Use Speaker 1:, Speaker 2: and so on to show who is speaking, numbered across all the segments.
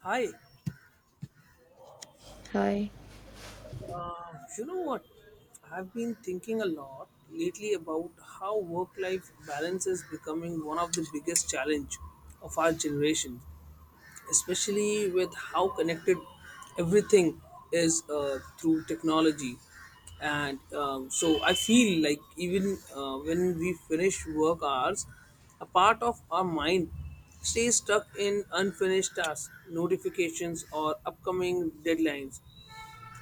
Speaker 1: Hi,
Speaker 2: Hi.
Speaker 1: uh, you know what? I've been thinking a lot lately about how work-life balance is becoming one of the biggest challenge of our generation, especially with how connected everything is through technology. And so I feel like even when we finish work hours, a part of our mind stays stuck in unfinished tasks, notifications, or upcoming deadlines.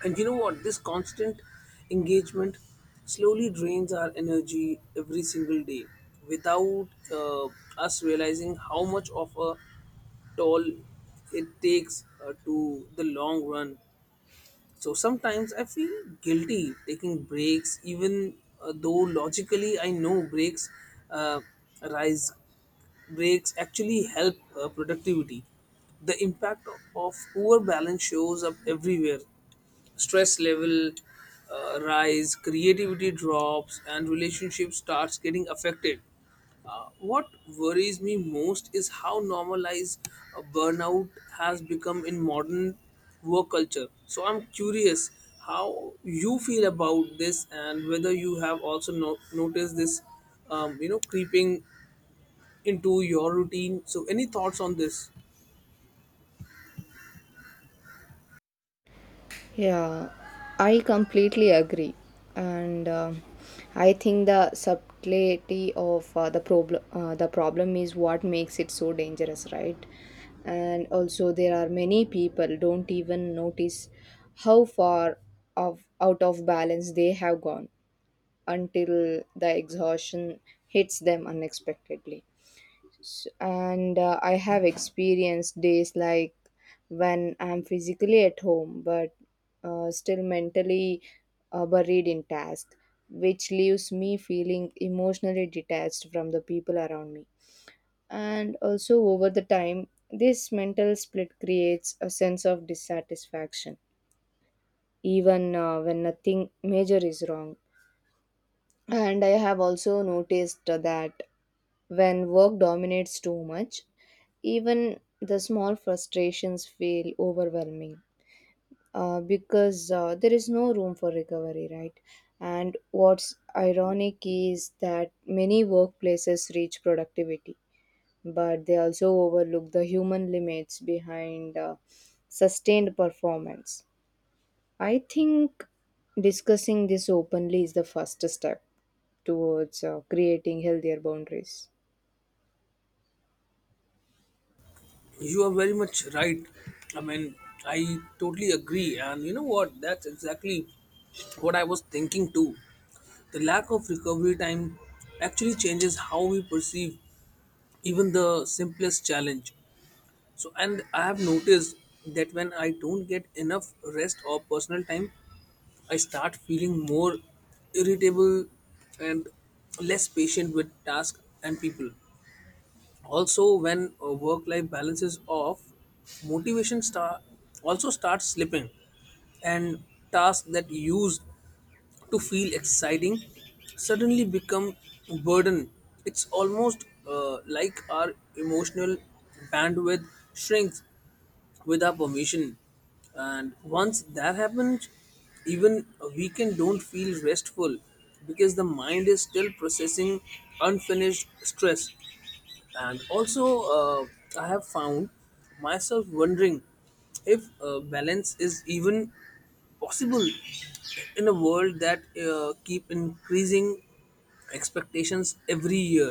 Speaker 1: And you know what? This constant engagement slowly drains our energy every single day without us realizing how much of a toll it takes to the long run. So sometimes I feel guilty taking breaks, even though logically I know breaks uh, rise. Breaks actually help productivity. The impact of poor balance shows up everywhere. Stress level rise, creativity drops, and relationship starts getting affected. What worries me most is how normalized burnout has become in modern work culture. So I'm curious how you feel about this and whether you have also noticed this, creeping into your routine. So any thoughts on this?
Speaker 2: Yeah, I completely agree. And I think the subtlety of the problem the problem is what makes it so dangerous, right? And also there are many people don't even notice how far of out of balance they have gone until the exhaustion hits them unexpectedly. S- and I have experienced days like when I'm physically at home but still mentally buried in task, which leaves me feeling emotionally detached from the people around me. And also over the time, this mental split creates a sense of dissatisfaction even when nothing major is wrong. And I have also noticed that when work dominates too much, even the small frustrations feel overwhelming because there is no room for recovery, right? And what's ironic is that many workplaces reach productivity, but they also overlook the human limits behind sustained performance. I think discussing this openly is the first step towards creating healthier boundaries.
Speaker 1: You are very much right. I mean, I totally agree. And you know what? That's exactly what I was thinking too. The lack of recovery time actually changes how we perceive even the simplest challenge. So, and I have noticed that when I don't get enough rest or personal time, I start feeling more irritable and less patient with tasks and people. Also, when work life balance is off, motivation start also starts slipping, and tasks that used to feel exciting suddenly become burden. It's almost like our emotional bandwidth shrinks with our permission. And once that happens, even a weekend don't feel restful because the mind is still processing unfinished stress. And also, uh, I have found myself wondering if balance is even possible in a world that keep increasing expectations every year.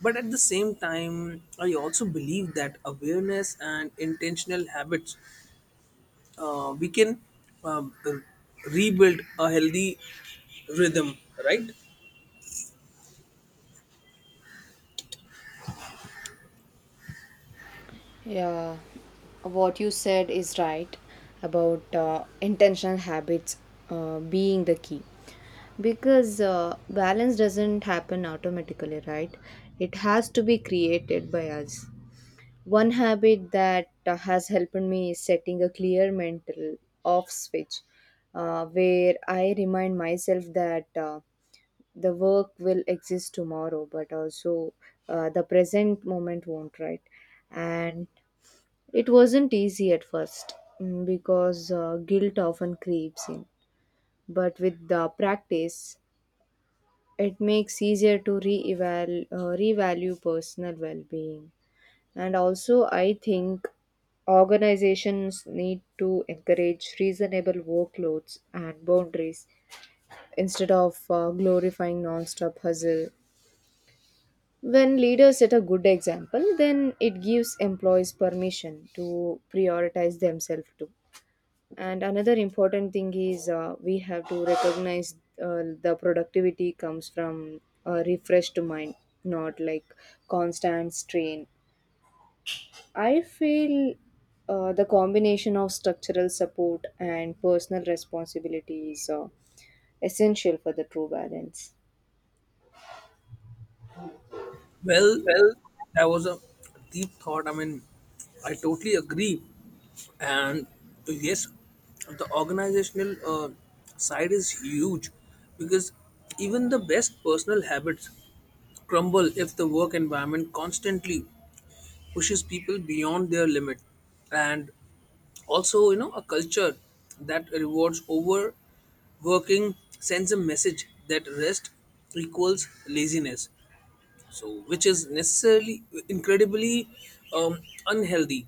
Speaker 1: But at the same time, I also believe that awareness and intentional habits, we can um, rebuild a healthy rhythm, right?
Speaker 2: Yeah, what you said is right about intentional habits being the key, because balance doesn't happen automatically, right? It has to be created by us. One habit that has helped me is setting a clear mental off switch where I remind myself that the work will exist tomorrow, but also the present moment won't, right? And it wasn't easy at first, because guilt often creeps in, but with the practice, it makes easier to revalue personal well-being. And also, I think organizations need to encourage reasonable workloads and boundaries instead of glorifying non-stop hustle. When leaders set a good example, then it gives employees permission to prioritize themselves too. And another important thing is we have to recognize the productivity comes from a refreshed mind, not like constant strain. I feel the combination of structural support and personal responsibility is essential for the true balance.
Speaker 1: Well, that was a deep thought. I mean, I totally agree. And so, yes, the organizational side is huge because even the best personal habits crumble if the work environment constantly pushes people beyond their limit. And also, you know, a culture that rewards overworking sends a message that rest equals laziness, so which is necessarily incredibly um, unhealthy.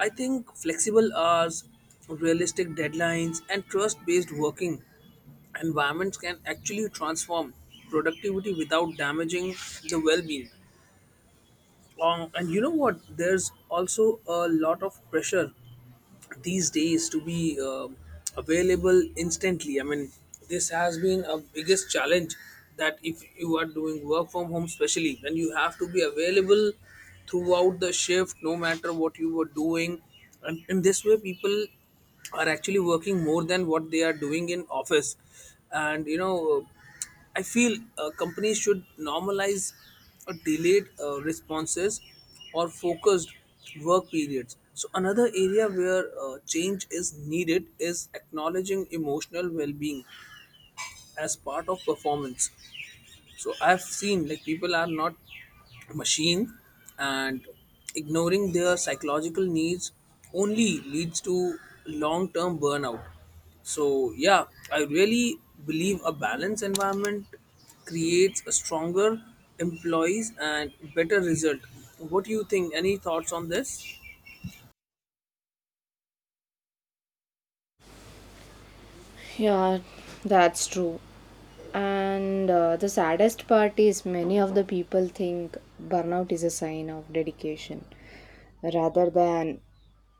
Speaker 1: I think flexible hours, realistic deadlines, and trust-based working environments can actually transform productivity without damaging the well-being. And you know what? There's also a lot of pressure these days to be available instantly. I mean, this has been a biggest challenge, that if you are doing work from home, especially, then you have to be available throughout the shift, no matter what you were doing. And in this way, people are actually working more than what they are doing in office, and you know, I feel companies should normalize delayed responses or focused work periods. So another area where change is needed is acknowledging emotional well being as part of performance. So I've seen like people are not machine, and ignoring their psychological needs only leads to long term burnout. So, yeah, I really believe a balanced environment creates a stronger employees and better result. What do you think? Any thoughts on this?
Speaker 2: Yeah, that's true. And the saddest part is many of the people think burnout is a sign of dedication rather than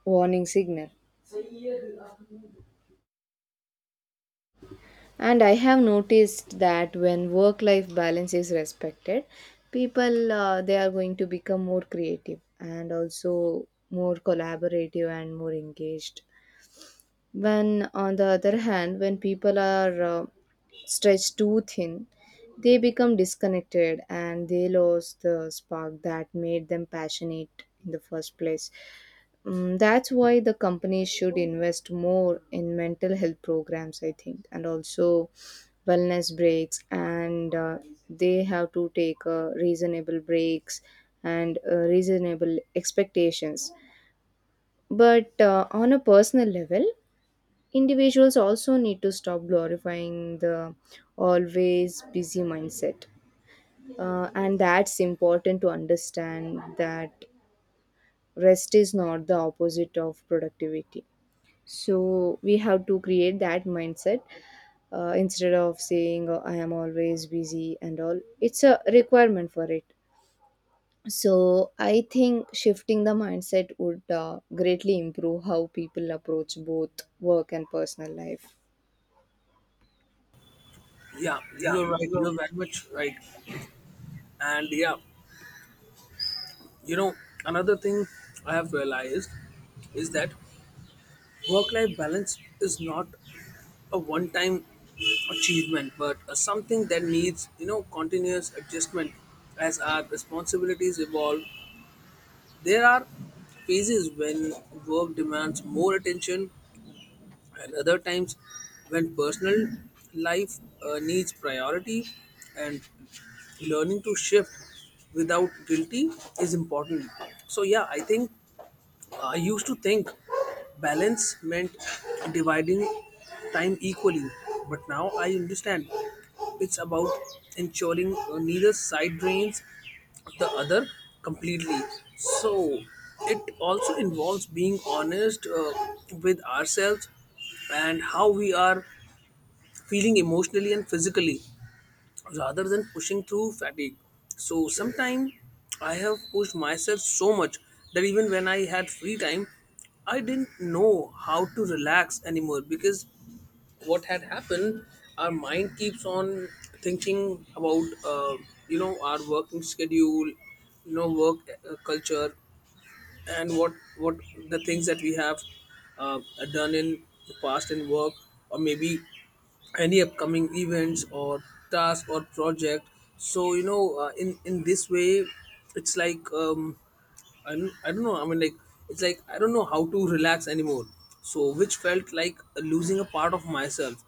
Speaker 2: warning signal. And I have noticed that when work life balance is respected, people they are going to become more creative and also more collaborative and more engaged. When, on the other hand, when people are stretched too thin, they become disconnected and they lose the spark that made them passionate in the first place. Mm, that's why the companies should invest more in mental health programs, I think, and also wellness breaks. And they have to take reasonable breaks and reasonable expectations. But on a personal level, individuals also need to stop glorifying the always busy mindset. And that's important to understand that rest is not the opposite of productivity. So we have to create that mindset instead of saying, "Oh, I am always busy and all. It's a requirement for it." So I think shifting the mindset would greatly improve how people approach both work and personal life.
Speaker 1: Yeah, you are right, you are very much right. And, yeah, you know, another thing I have realized is that work life balance is not a one time achievement, but a something that needs, you know, continuous adjustment as our responsibilities evolve. There are phases when work demands more attention, and other times when personal life needs priority, and learning to shift without guilty is important. So, yeah, I think I used to think balance meant dividing time equally, but now I understand it's about ensuring neither side drains the other completely. So it also involves being honest with ourselves and how we are feeling emotionally and physically rather than pushing through fatigue. So sometimes I have pushed myself so much that even when I had free time, I didn't know how to relax anymore because what had happened, our mind keeps on thinking about our working schedule, work culture, and what the things that we have uh, done in the past in work, or maybe any upcoming events or task or project. So you know, in this way, it's like I don't know. I mean, like, it's like I don't know how to relax anymore. So which felt like losing a part of myself.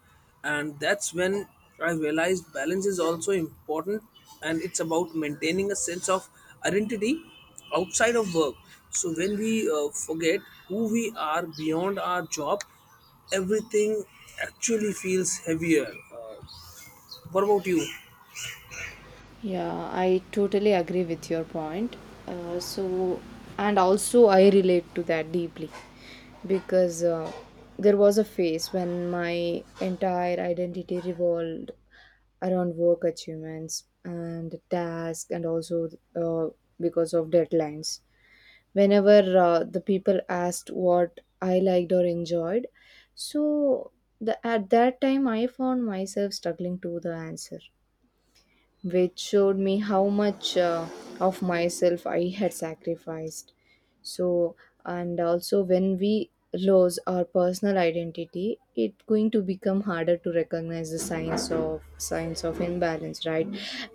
Speaker 1: And that's when I realized balance is also important, and it's about maintaining a sense of identity outside of work. So when we forget who we are beyond our job, everything actually feels heavier. Uh, what about you?
Speaker 2: Yeah, I totally agree with your point. Uh, so, and also I relate to that deeply because there was a phase when my entire identity revolved around work achievements and tasks, and also uh, because of deadlines. Whenever the people asked what I liked or enjoyed, so at that time I found myself struggling to the answer, which showed me how much of myself I had sacrificed. So, and also when we lose our personal identity, it's going to become harder to recognize the signs of imbalance, right?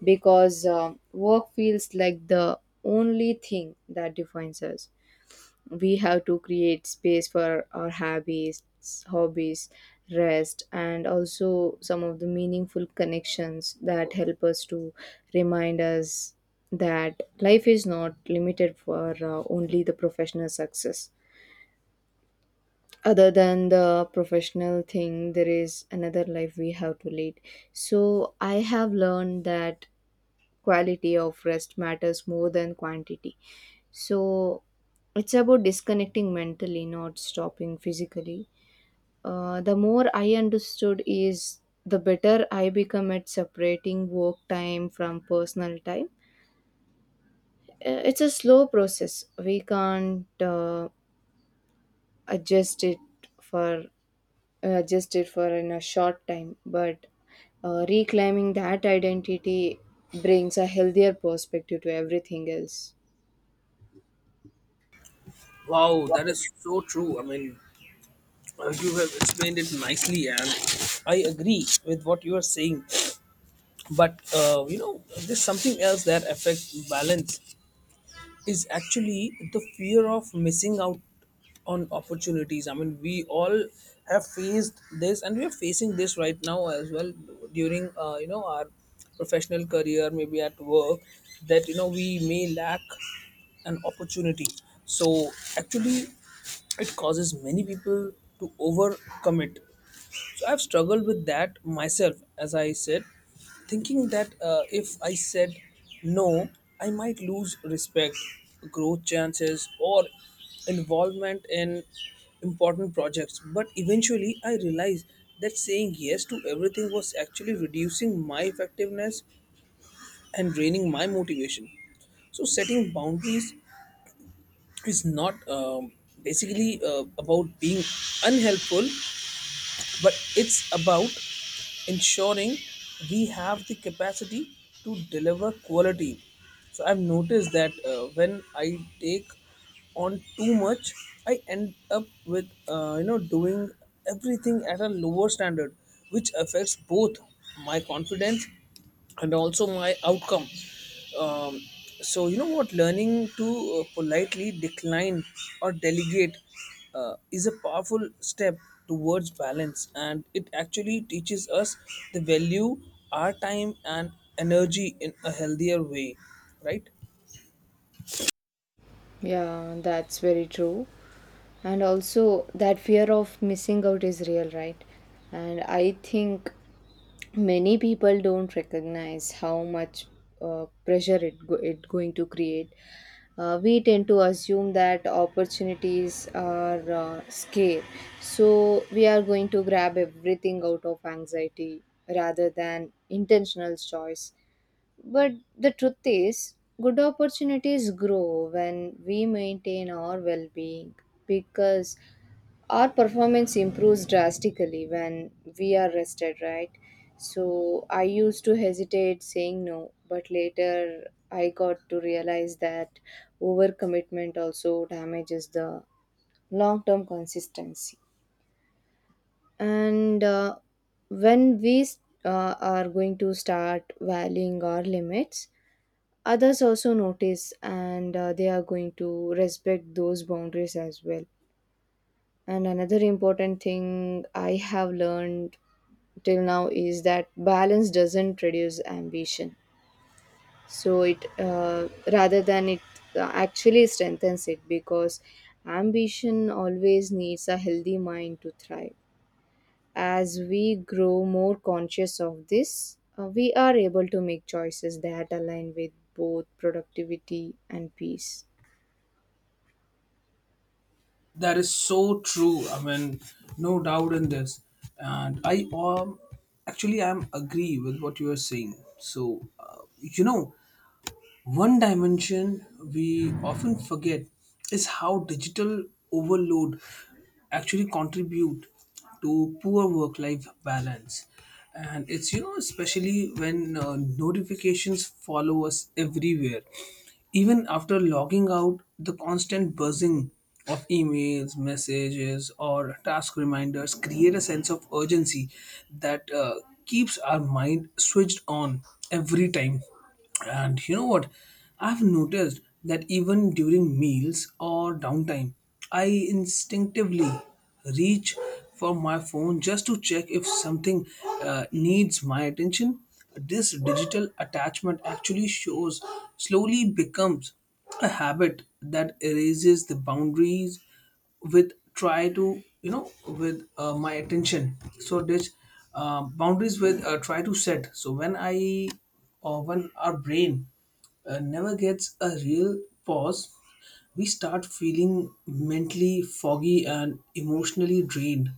Speaker 2: Because work feels like the only thing that defines us. We have to create space for our hobbies, rest, and also some of the meaningful connections that help us to remind us that life is not limited for only the professional success. Other than the professional thing, there is another life we have to lead. So I have learned that quality of rest matters more than quantity. So it's about disconnecting mentally, not stopping physically. The more I understood is the better I become at separating work time from personal time. It's a slow process. We can't adjust it for adjust it for in a short time, but reclaiming that identity brings a healthier perspective to everything else.
Speaker 1: Wow, that is so true. I mean, you have explained it nicely, and I agree with what you are saying. But you know, there's something else that affects balance is actually the fear of missing out on opportunities. I mean, we all have faced this, and we are facing this right now as well during you know our professional career, maybe at work, that you know we may lack an opportunity. So actually, it causes many people to overcommit, so I've struggled with that myself, as I said, thinking that if I said no, I might lose respect, growth chances, or involvement in important projects. But eventually, I realized that saying yes to everything was actually reducing my effectiveness and draining my motivation. So setting boundaries is not basically about being unhelpful, but it's about ensuring we have the capacity to deliver quality. So I've noticed that when I take on too much, I end up with you know doing everything at a lower standard, which affects both my confidence and also my outcome. Um, so you know what, learning to politely decline or delegate is a powerful step towards balance, and it actually teaches us the value our time and energy in a healthier way, right?
Speaker 2: Yeah, that's very true. And also, that fear of missing out is real, right? And I think many people don't recognize how much it going to create. We tend to assume that opportunities are scarce, so we are going to grab everything out of anxiety rather than intentional choice. But the truth is, good opportunities grow when we maintain our well being, because our performance improves drastically when we are rested, right? So I used to hesitate saying no, but later I got to realize that overcommitment also damages the long term consistency. And when we are going to start valuing our limits, others also notice and they are going to respect those boundaries as well. And another important thing I have learned till now is that balance doesn't reduce ambition. So it rather than it actually strengthens it, because ambition always needs a healthy mind to thrive. As we grow more conscious of this, we are able to make choices that align with both productivity and peace.
Speaker 1: That is so true. I mean, no doubt in this. And I um, actually I'm agree with what you are saying. So, uh, you know, one dimension we often forget is how digital overload actually contribute to poor work-life balance. And it's, you know, especially when notifications follow us everywhere. Even after logging out, the constant buzzing of emails, messages, or task reminders create a sense of urgency that keeps our mind switched on every time. And you know what? I've noticed that even during meals or downtime, I instinctively reach for my phone just to check if something needs my attention. This digital attachment actually shows slowly becomes a habit that erases the boundaries with try to you know with my attention. So this boundaries with try to set. So when I or when our brain never gets a real pause, we start feeling mentally foggy and emotionally drained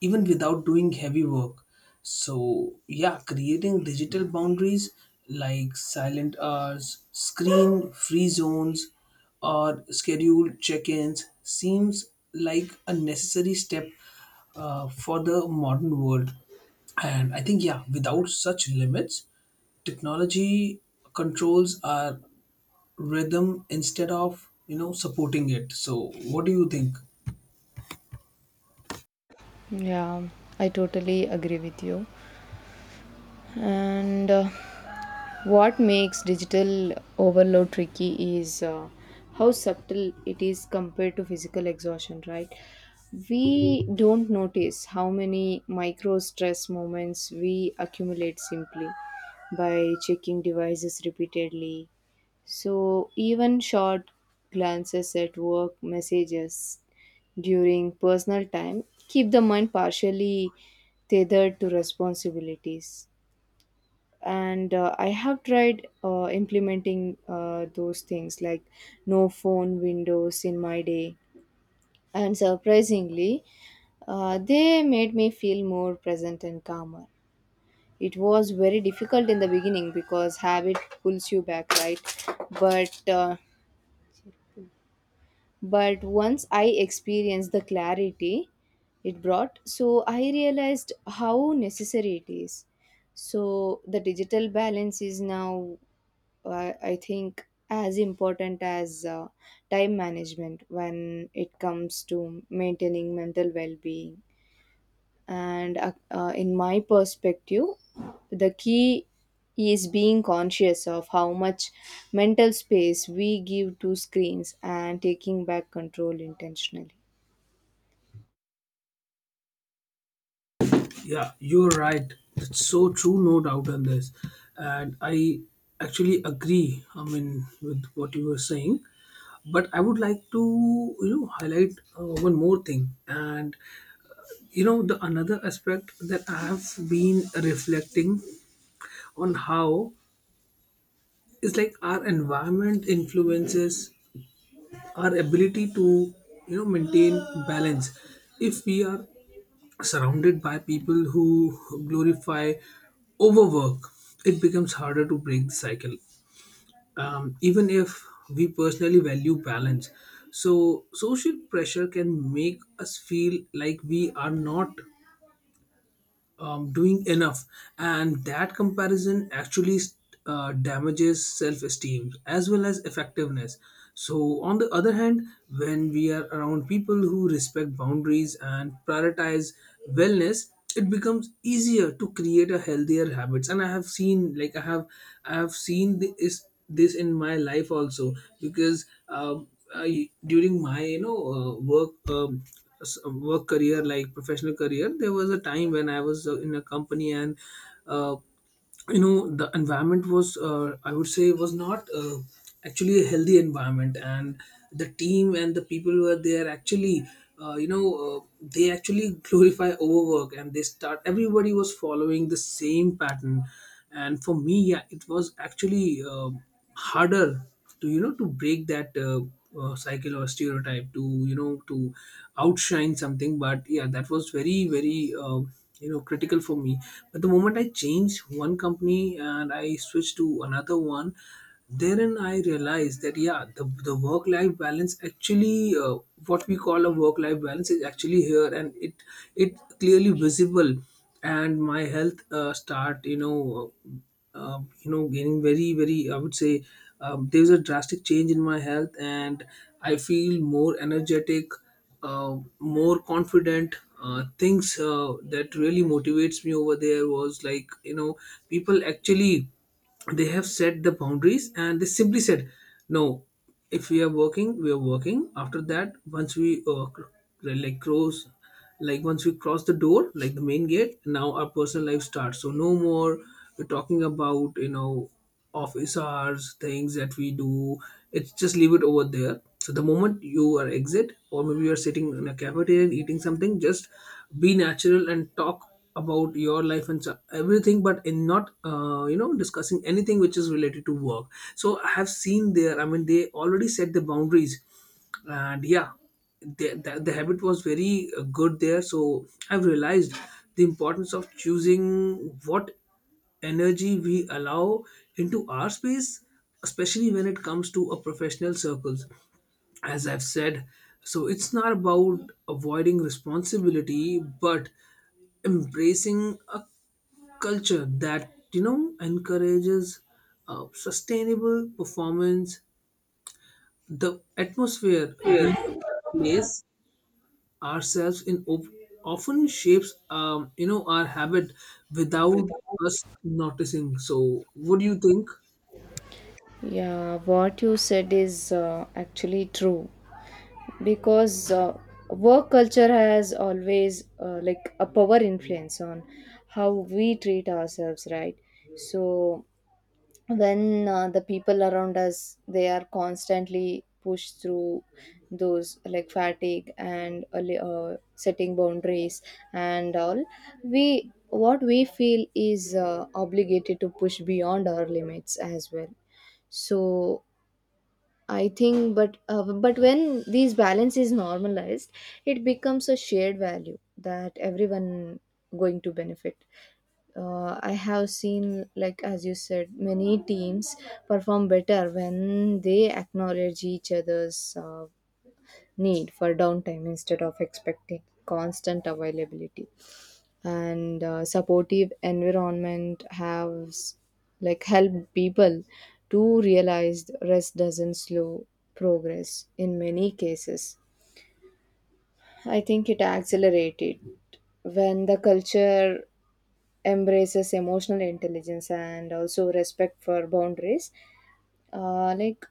Speaker 1: even without doing heavy work. So, yeah, creating digital boundaries like silent hours, screen free zones, or scheduled check ins seems like a necessary step for the modern world. And I think, yeah, without such limits, technology controls our rhythm instead of supporting it. So what do you think?
Speaker 2: Yeah, I totally agree with you. And what makes digital overload tricky is how subtle it is compared to physical exhaustion, right? We don't notice how many micro stress moments we accumulate simply by checking devices repeatedly. So, even short glances at work messages during personal time keep the mind partially tethered to responsibilities. And I have tried implementing those things like no phone windows in my day, and surprisingly they made me feel more present and calmer. It was very difficult in the beginning because habit pulls you back, right? But uh, but once I experienced the clarity it brought, so I realized how necessary it is. So the digital balance is now I think as important as time management when it comes to maintaining mental well-being. And uh, uh, in my perspective, the key is being conscious of how much mental space we give to screens and taking back control intentionally.
Speaker 1: Yeah, you're right. It's so true, no doubt on this. And I actually agree, I mean, with what you were saying. But I would like to, you know, highlight one more thing. And, you know, the another aspect that I have been reflecting on how is like our environment influences our ability to, you know, maintain balance. If we are surrounded by people who glorify overwork, it becomes harder to break the cycle. Even if we personally value balance, so social pressure can make us feel like we are not doing enough, and that comparison actually damages self-esteem as well as effectiveness. So on the other hand, when we are around people who respect boundaries and prioritize wellness, it becomes easier to create a healthier habits. And I have seen, like, I have seen this in my life also, because I, during my work work career, like professional career, there was a time when I was in a company, and uh, you know, the environment was, I would say, was not actually a healthy environment. And the team and the people who are there actually, uh, you know uh, they actually glorify overwork, and they start, everybody was following the same pattern. And for me, yeah, it was actually uh, harder to, you know, to break that cycle or stereotype, to, you know, to outshine something. But yeah, that was very very you know critical for me. But the moment I changed one company and I switched to another one, therein I realized that yeah, the work life balance actually, what we call a work life balance, is actually here, and it clearly visible. And my health start, you know, gaining very very, I would say, there's a drastic change in my health, and I feel more energetic, more confident. Things that really motivates me over there was, like, you know, people actually, they have set the boundaries, and they simply said no. If we are working, we are working. After that, once we like close, like once we cross the door, like the main gate, now our personal life starts. So no more we're talking about, you know, office hours, things that we do. It's just leave it over there. So the moment you are exit, or maybe you're sitting in a cafeteria and eating something, just be natural and talk about your life and everything, but in not you know discussing anything which is related to work. So I have seen there, I mean, they already set the boundaries. And yeah, the habit was very good there. So I've realized the importance of choosing what energy we allow into our space, especially when it comes to a professional circles, as I've said. So it's not about avoiding responsibility, but embracing a culture that, you know, encourages sustainable performance. The atmosphere we
Speaker 2: Yes.
Speaker 1: place ourselves in often shapes, our habit without us noticing. So, what do you think?
Speaker 2: Yeah, what you said is actually true, because work culture has always like a power influence on how we treat ourselves, right? So when the people around us, they are constantly pushed through those like fatigue and setting boundaries and all, we what we feel is obligated to push beyond our limits as well. So I think but when these balance is normalized, it becomes a shared value that everyone going to benefit. I have seen, like as you said, many teams perform better when they acknowledge each other's need for downtime instead of expecting constant availability. And supportive environment has like helped people to realize rest doesn't slow progress in many cases. I think it accelerated when the culture embraces emotional intelligence and also respect for boundaries. Like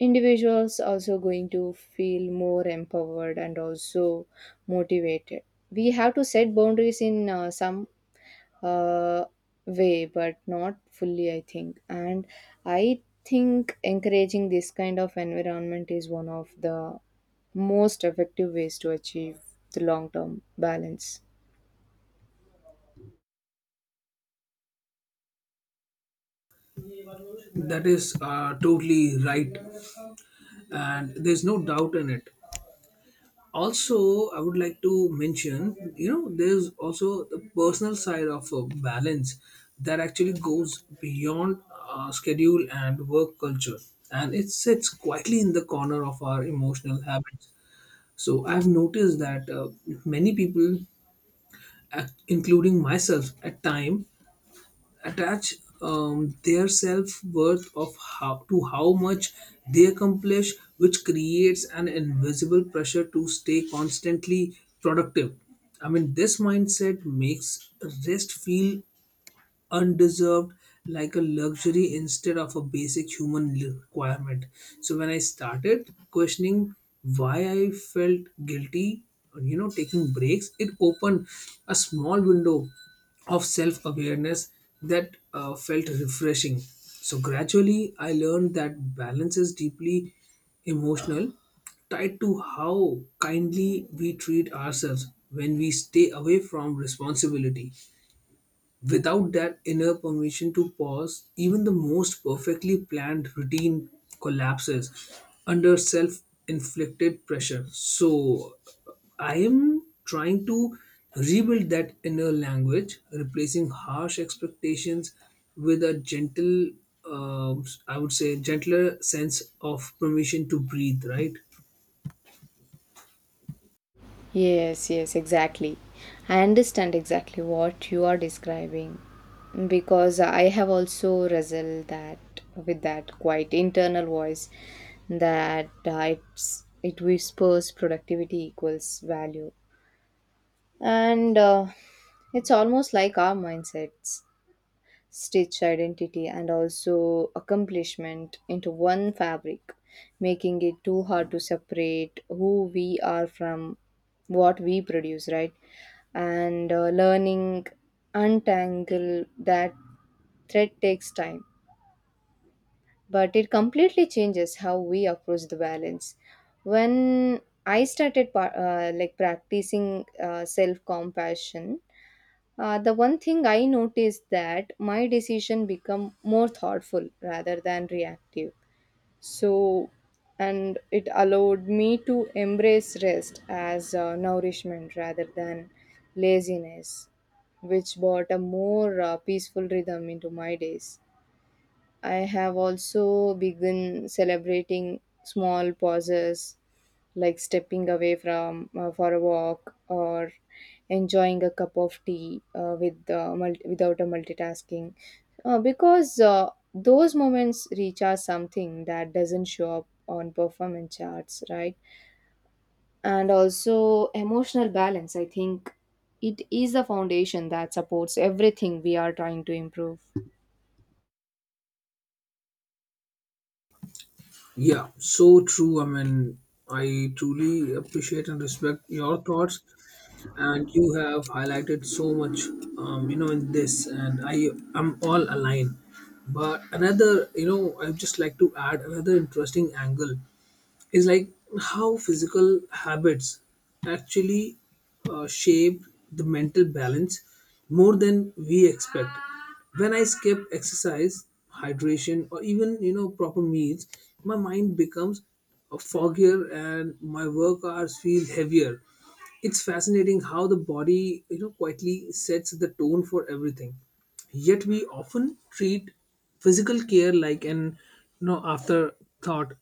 Speaker 2: individuals also going to feel more empowered and also motivated. We have to set boundaries in some uh, way but not fully, I think. And I think encouraging this kind of environment is one of the most effective ways to achieve the long term balance.
Speaker 1: That is totally right, and there's no doubt in it. Also, I would like to mention, you know, there's also the personal side of a balance that actually goes beyond schedule and work culture, and it sits quietly in the corner of our emotional habits. So I've noticed that many people, including myself, at time attach their self worth of how to how much they accomplish, which creates an invisible pressure to stay constantly productive. I mean, this mindset makes rest feel undeserved, like a luxury instead of a basic human requirement. So when I started questioning why I felt guilty, you know, taking breaks, it opened a small window of self awareness that felt refreshing. So, gradually, I learned that balance is deeply emotional, tied to how kindly we treat ourselves when we stay away from responsibility. Without that inner permission to pause, even the most perfectly planned routine collapses under self inflicted pressure. So, I am trying to rebuild that inner language, replacing harsh expectations with a gentle, I would say, gentler sense of permission to breathe, right?
Speaker 2: Yes, yes, exactly. I understand exactly what you are describing, because I have also wrestled that quite internal voice that it's, it whispers productivity equals value. And it's almost like our mindsets stitch identity and also accomplishment into one fabric, making it too hard to separate who we are from what we produce, right? And learning untangle that thread takes time, but it completely changes how we approach the balance. When I started like practicing self compassion, the one thing I noticed that my decision become more thoughtful rather than reactive. So, and it allowed me to embrace rest as nourishment rather than laziness, which brought a more peaceful rhythm into my days. I have also begun celebrating small pauses, like stepping away from for a walk or enjoying a cup of tea without a multitasking, because those moments recharge something that doesn't show up on performance charts, right? And also emotional balance, I think, it is the foundation that supports everything we are trying to improve.
Speaker 1: Yeah, so true. I mean, I truly appreciate and respect your thoughts, and you have highlighted so much, in this, and I am all aligned. But another, you know, I would just like to add another interesting angle is like how physical habits actually shape the mental balance more than we expect. When I skip exercise, hydration, or even, you know, proper meals, my mind becomes foggier and my work hours feel heavier. It's fascinating how the body, you know, quietly sets the tone for everything, yet we often treat physical care like an, you know, afterthought.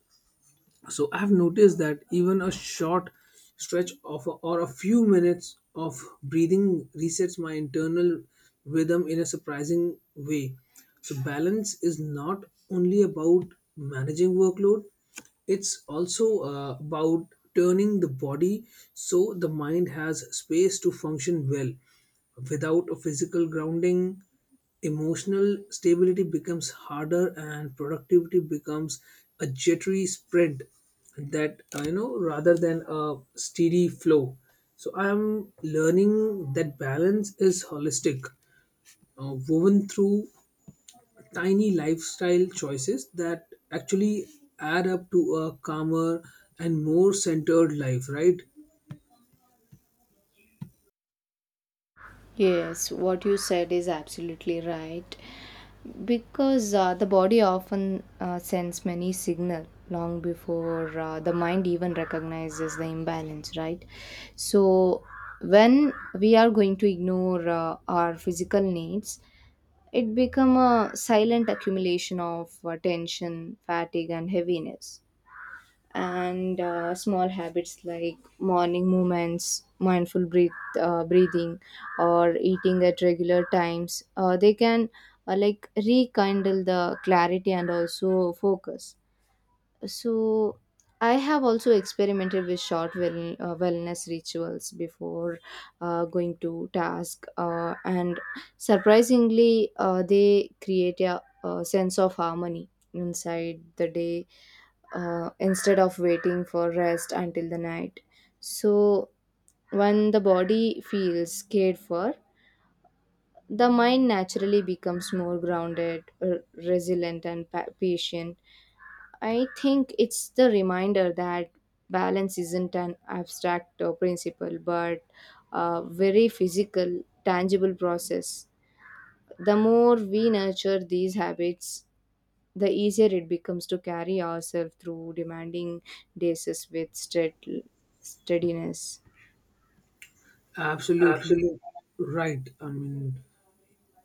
Speaker 1: So I've noticed that even a short stretch of, or a few minutes of breathing resets my internal rhythm in a surprising way. So balance is not only about managing workload, it's also about turning the body so the mind has space to function well. Without a physical grounding, emotional stability becomes harder and productivity becomes a jittery sprint, that you know, rather than a steady flow. So I'm learning that balance is holistic, woven through tiny lifestyle choices that actually add up to a calmer and more centered life, right?
Speaker 2: Yes, what you said is absolutely right. Because the body often sends many signal long before the mind even recognizes the imbalance, right? So when we are going to ignore our physical needs, it become a silent accumulation of tension, fatigue, and heaviness. And small habits like morning movements, mindful breathing or eating at regular times they can like rekindle the clarity and also focus. So I have also experimented with short wellness rituals before going to task, and surprisingly they create a sense of harmony inside the day instead of waiting for rest until the night. So when the body feels cared for, the mind naturally becomes more grounded, resilient and patient. I think it's the reminder that balance isn't an abstract principle but a very physical, tangible process. The more we nurture these habits, the easier it becomes to carry ourselves through demanding days with steadiness. Absolutely.
Speaker 1: Absolutely right. I mean,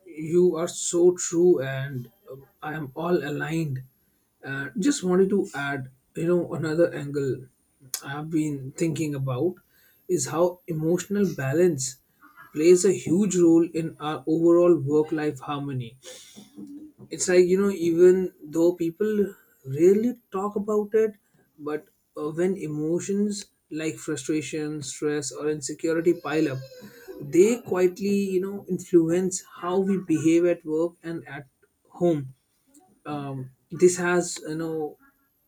Speaker 1: you are so true, and I am all aligned. Just wanted to add, you know, another angle I've been thinking about is how emotional balance plays a huge role in our overall work life harmony. It's like, you know, even though people rarely talk about it, but when emotions like frustration, stress, or insecurity pile up, they quietly, you know, influence how we behave at work and at home. This has, you know,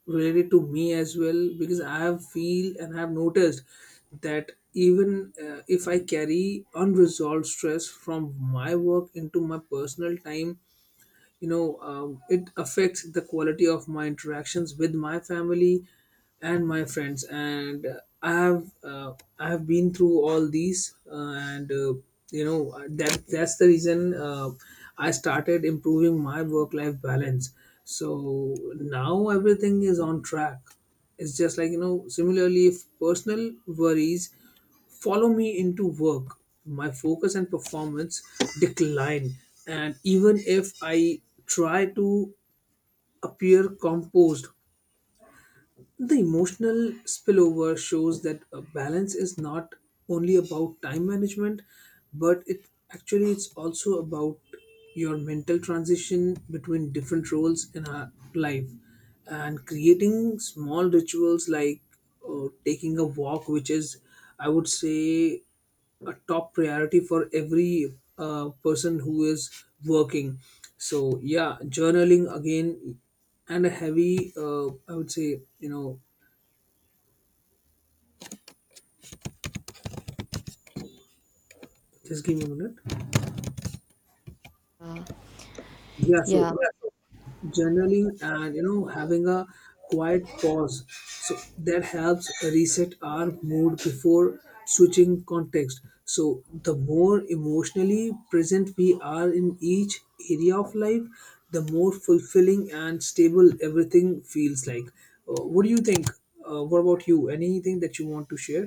Speaker 1: related to me as well, because I have feel and have noticed that even if I carry unresolved stress from my work into my personal time, you know, it affects the quality of my interactions with my family and my friends. And I have been through all these and you know that that's the reason I started improving my work life balance. So now everything is on track. It's just like, you know, similarly if personal worries follow me into work, my focus and performance decline. And even if I try to appear composed, the emotional spillover shows that a balance is not only about time management, but it, actually it's also about your mental transition between different roles in our life. And creating small rituals like taking a walk, which is, I would say, a top priority for every person who is working. So yeah, journaling again, and a heavy, I would say, you know, just give me a minute.
Speaker 2: Uh,
Speaker 1: Yeah, so
Speaker 2: yeah,
Speaker 1: journaling, and, you know, having a quiet pause, so that helps reset our mood before switching context. So the more emotionally present we are in each area of life, the more fulfilling and stable everything feels like. What do you think, what about you, anything that you want to share?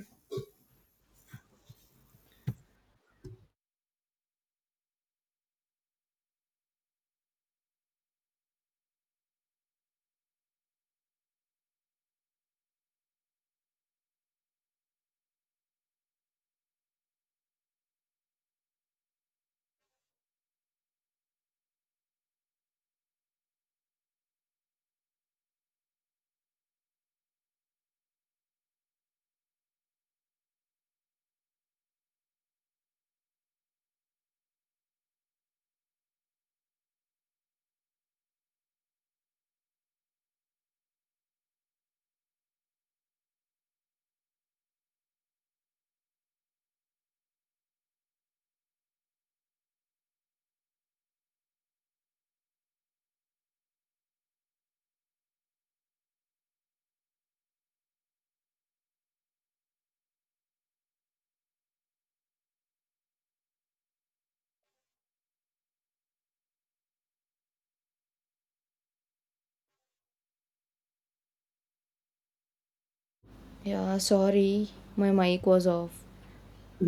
Speaker 2: yeah, sorry, my mic was off.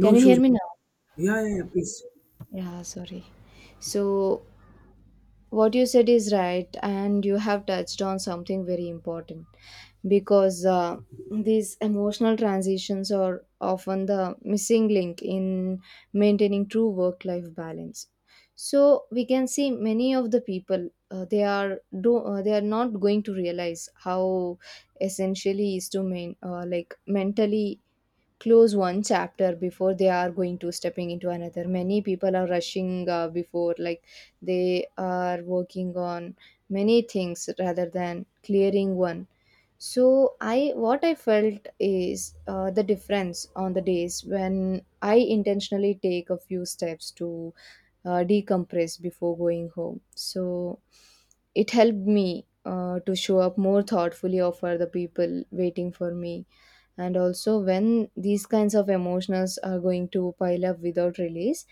Speaker 1: No
Speaker 2: Can you
Speaker 1: issues.
Speaker 2: hear me now?
Speaker 1: Yeah, yeah, yeah, please.
Speaker 2: Yeah, sorry. So, what you said is right, and you have touched on something very important because these emotional transitions are often the missing link in maintaining true work life balance. So, we can see many of the people. They are not going to realize how essentially is to main like mentally close one chapter before they are going to stepping into another. Many people are rushing before like they are working on many things rather than clearing one. So I what I felt is the difference on the days when I intentionally take a few steps to decompress before going home, so it helped me to show up more thoughtfully for the people waiting for me. And also when these kinds of emotions are going to pile up without release,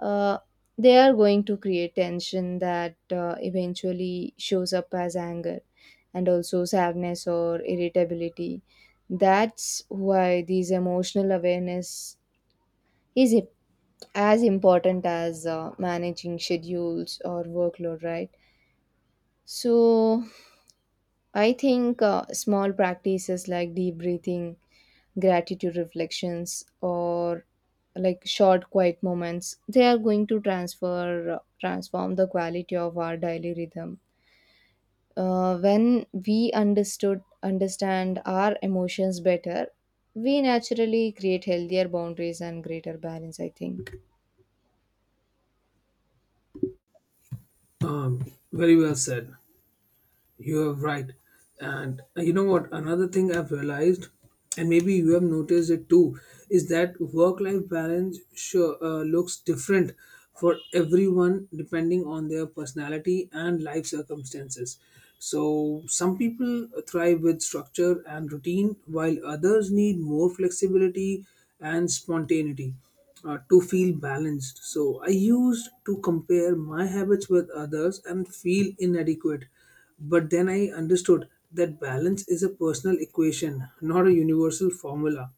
Speaker 2: uh, they are going to create tension that eventually shows up as anger and also sadness or irritability. That's why these emotional awareness is as important as managing schedules or workload, right? So I think small practices like deep breathing, gratitude reflections, or like short quiet moments, they are going to transfer transform the quality of our daily rhythm. When we understood understand our emotions better, we naturally create healthier boundaries and greater balance, I think.
Speaker 1: um, Very well said. You are right. And you know what? Another thing I've realized, and maybe you have noticed it too, is that work life balance sure, looks different for everyone depending on their personality and life circumstances. So, some people thrive with structure and routine, while others need more flexibility and spontaneity to feel balanced. So I used to compare my habits with others and feel inadequate. But then I understood that balance is a personal equation, not a universal formula.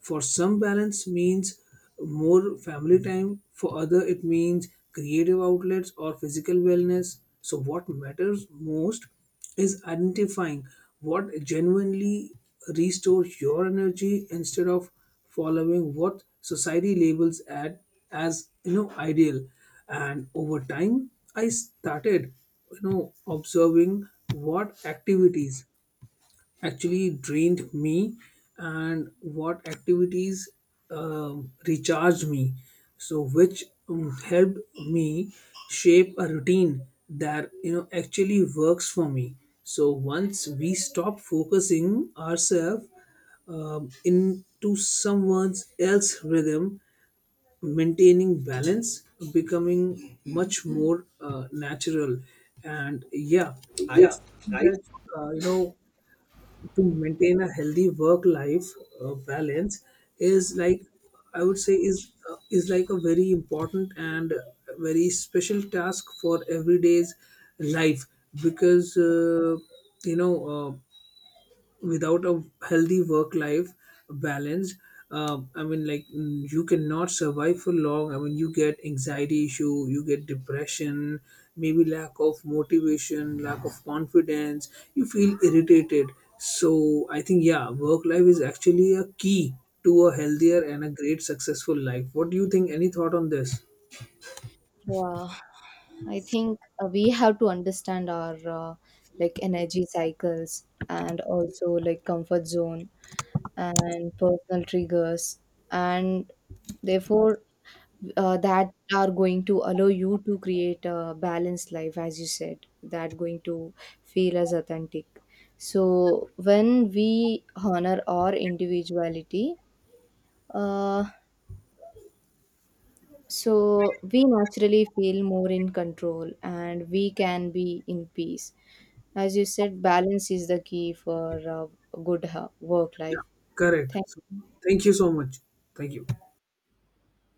Speaker 1: For some, balance means more family time, for other, it means creative outlets or physical wellness. So, what matters most is identifying what genuinely restores your energy instead of following what society labels at, as you know, ideal. And over time, I started, you know, observing what activities actually drained me and what activities recharged me. So which helped me shape a routine that, you know, actually works for me. So once we stop focusing ourselves into someone else's rhythm, maintaining balance becoming much more natural. And yeah, I
Speaker 2: Yeah,
Speaker 1: think
Speaker 2: I
Speaker 1: that you know, to maintain a healthy work life balance is like, I would say is like a very important and very special task for everyday's life. Because you know uh, without a healthy work life balance, I mean, like, mm, you cannot survive for long. I mean, you get anxiety issue, you get depression, maybe lack of motivation, lack of confidence, you feel irritated. So I think yeah, work life is actually a key to a healthier and a great successful life. What do you think, any thought on this?
Speaker 2: Yeah, I think we have to understand our like energy cycles and also like comfort zone and personal triggers, and therefore that are going to allow you to create a balanced life, as you said, that going to feel as authentic. So when we honor our individuality, uh. So we naturally feel more in control and we can be in peace. As you said, balance is the key for good work life.
Speaker 1: Yeah, correct. So,
Speaker 2: Thank
Speaker 1: thank you so much. Thank you.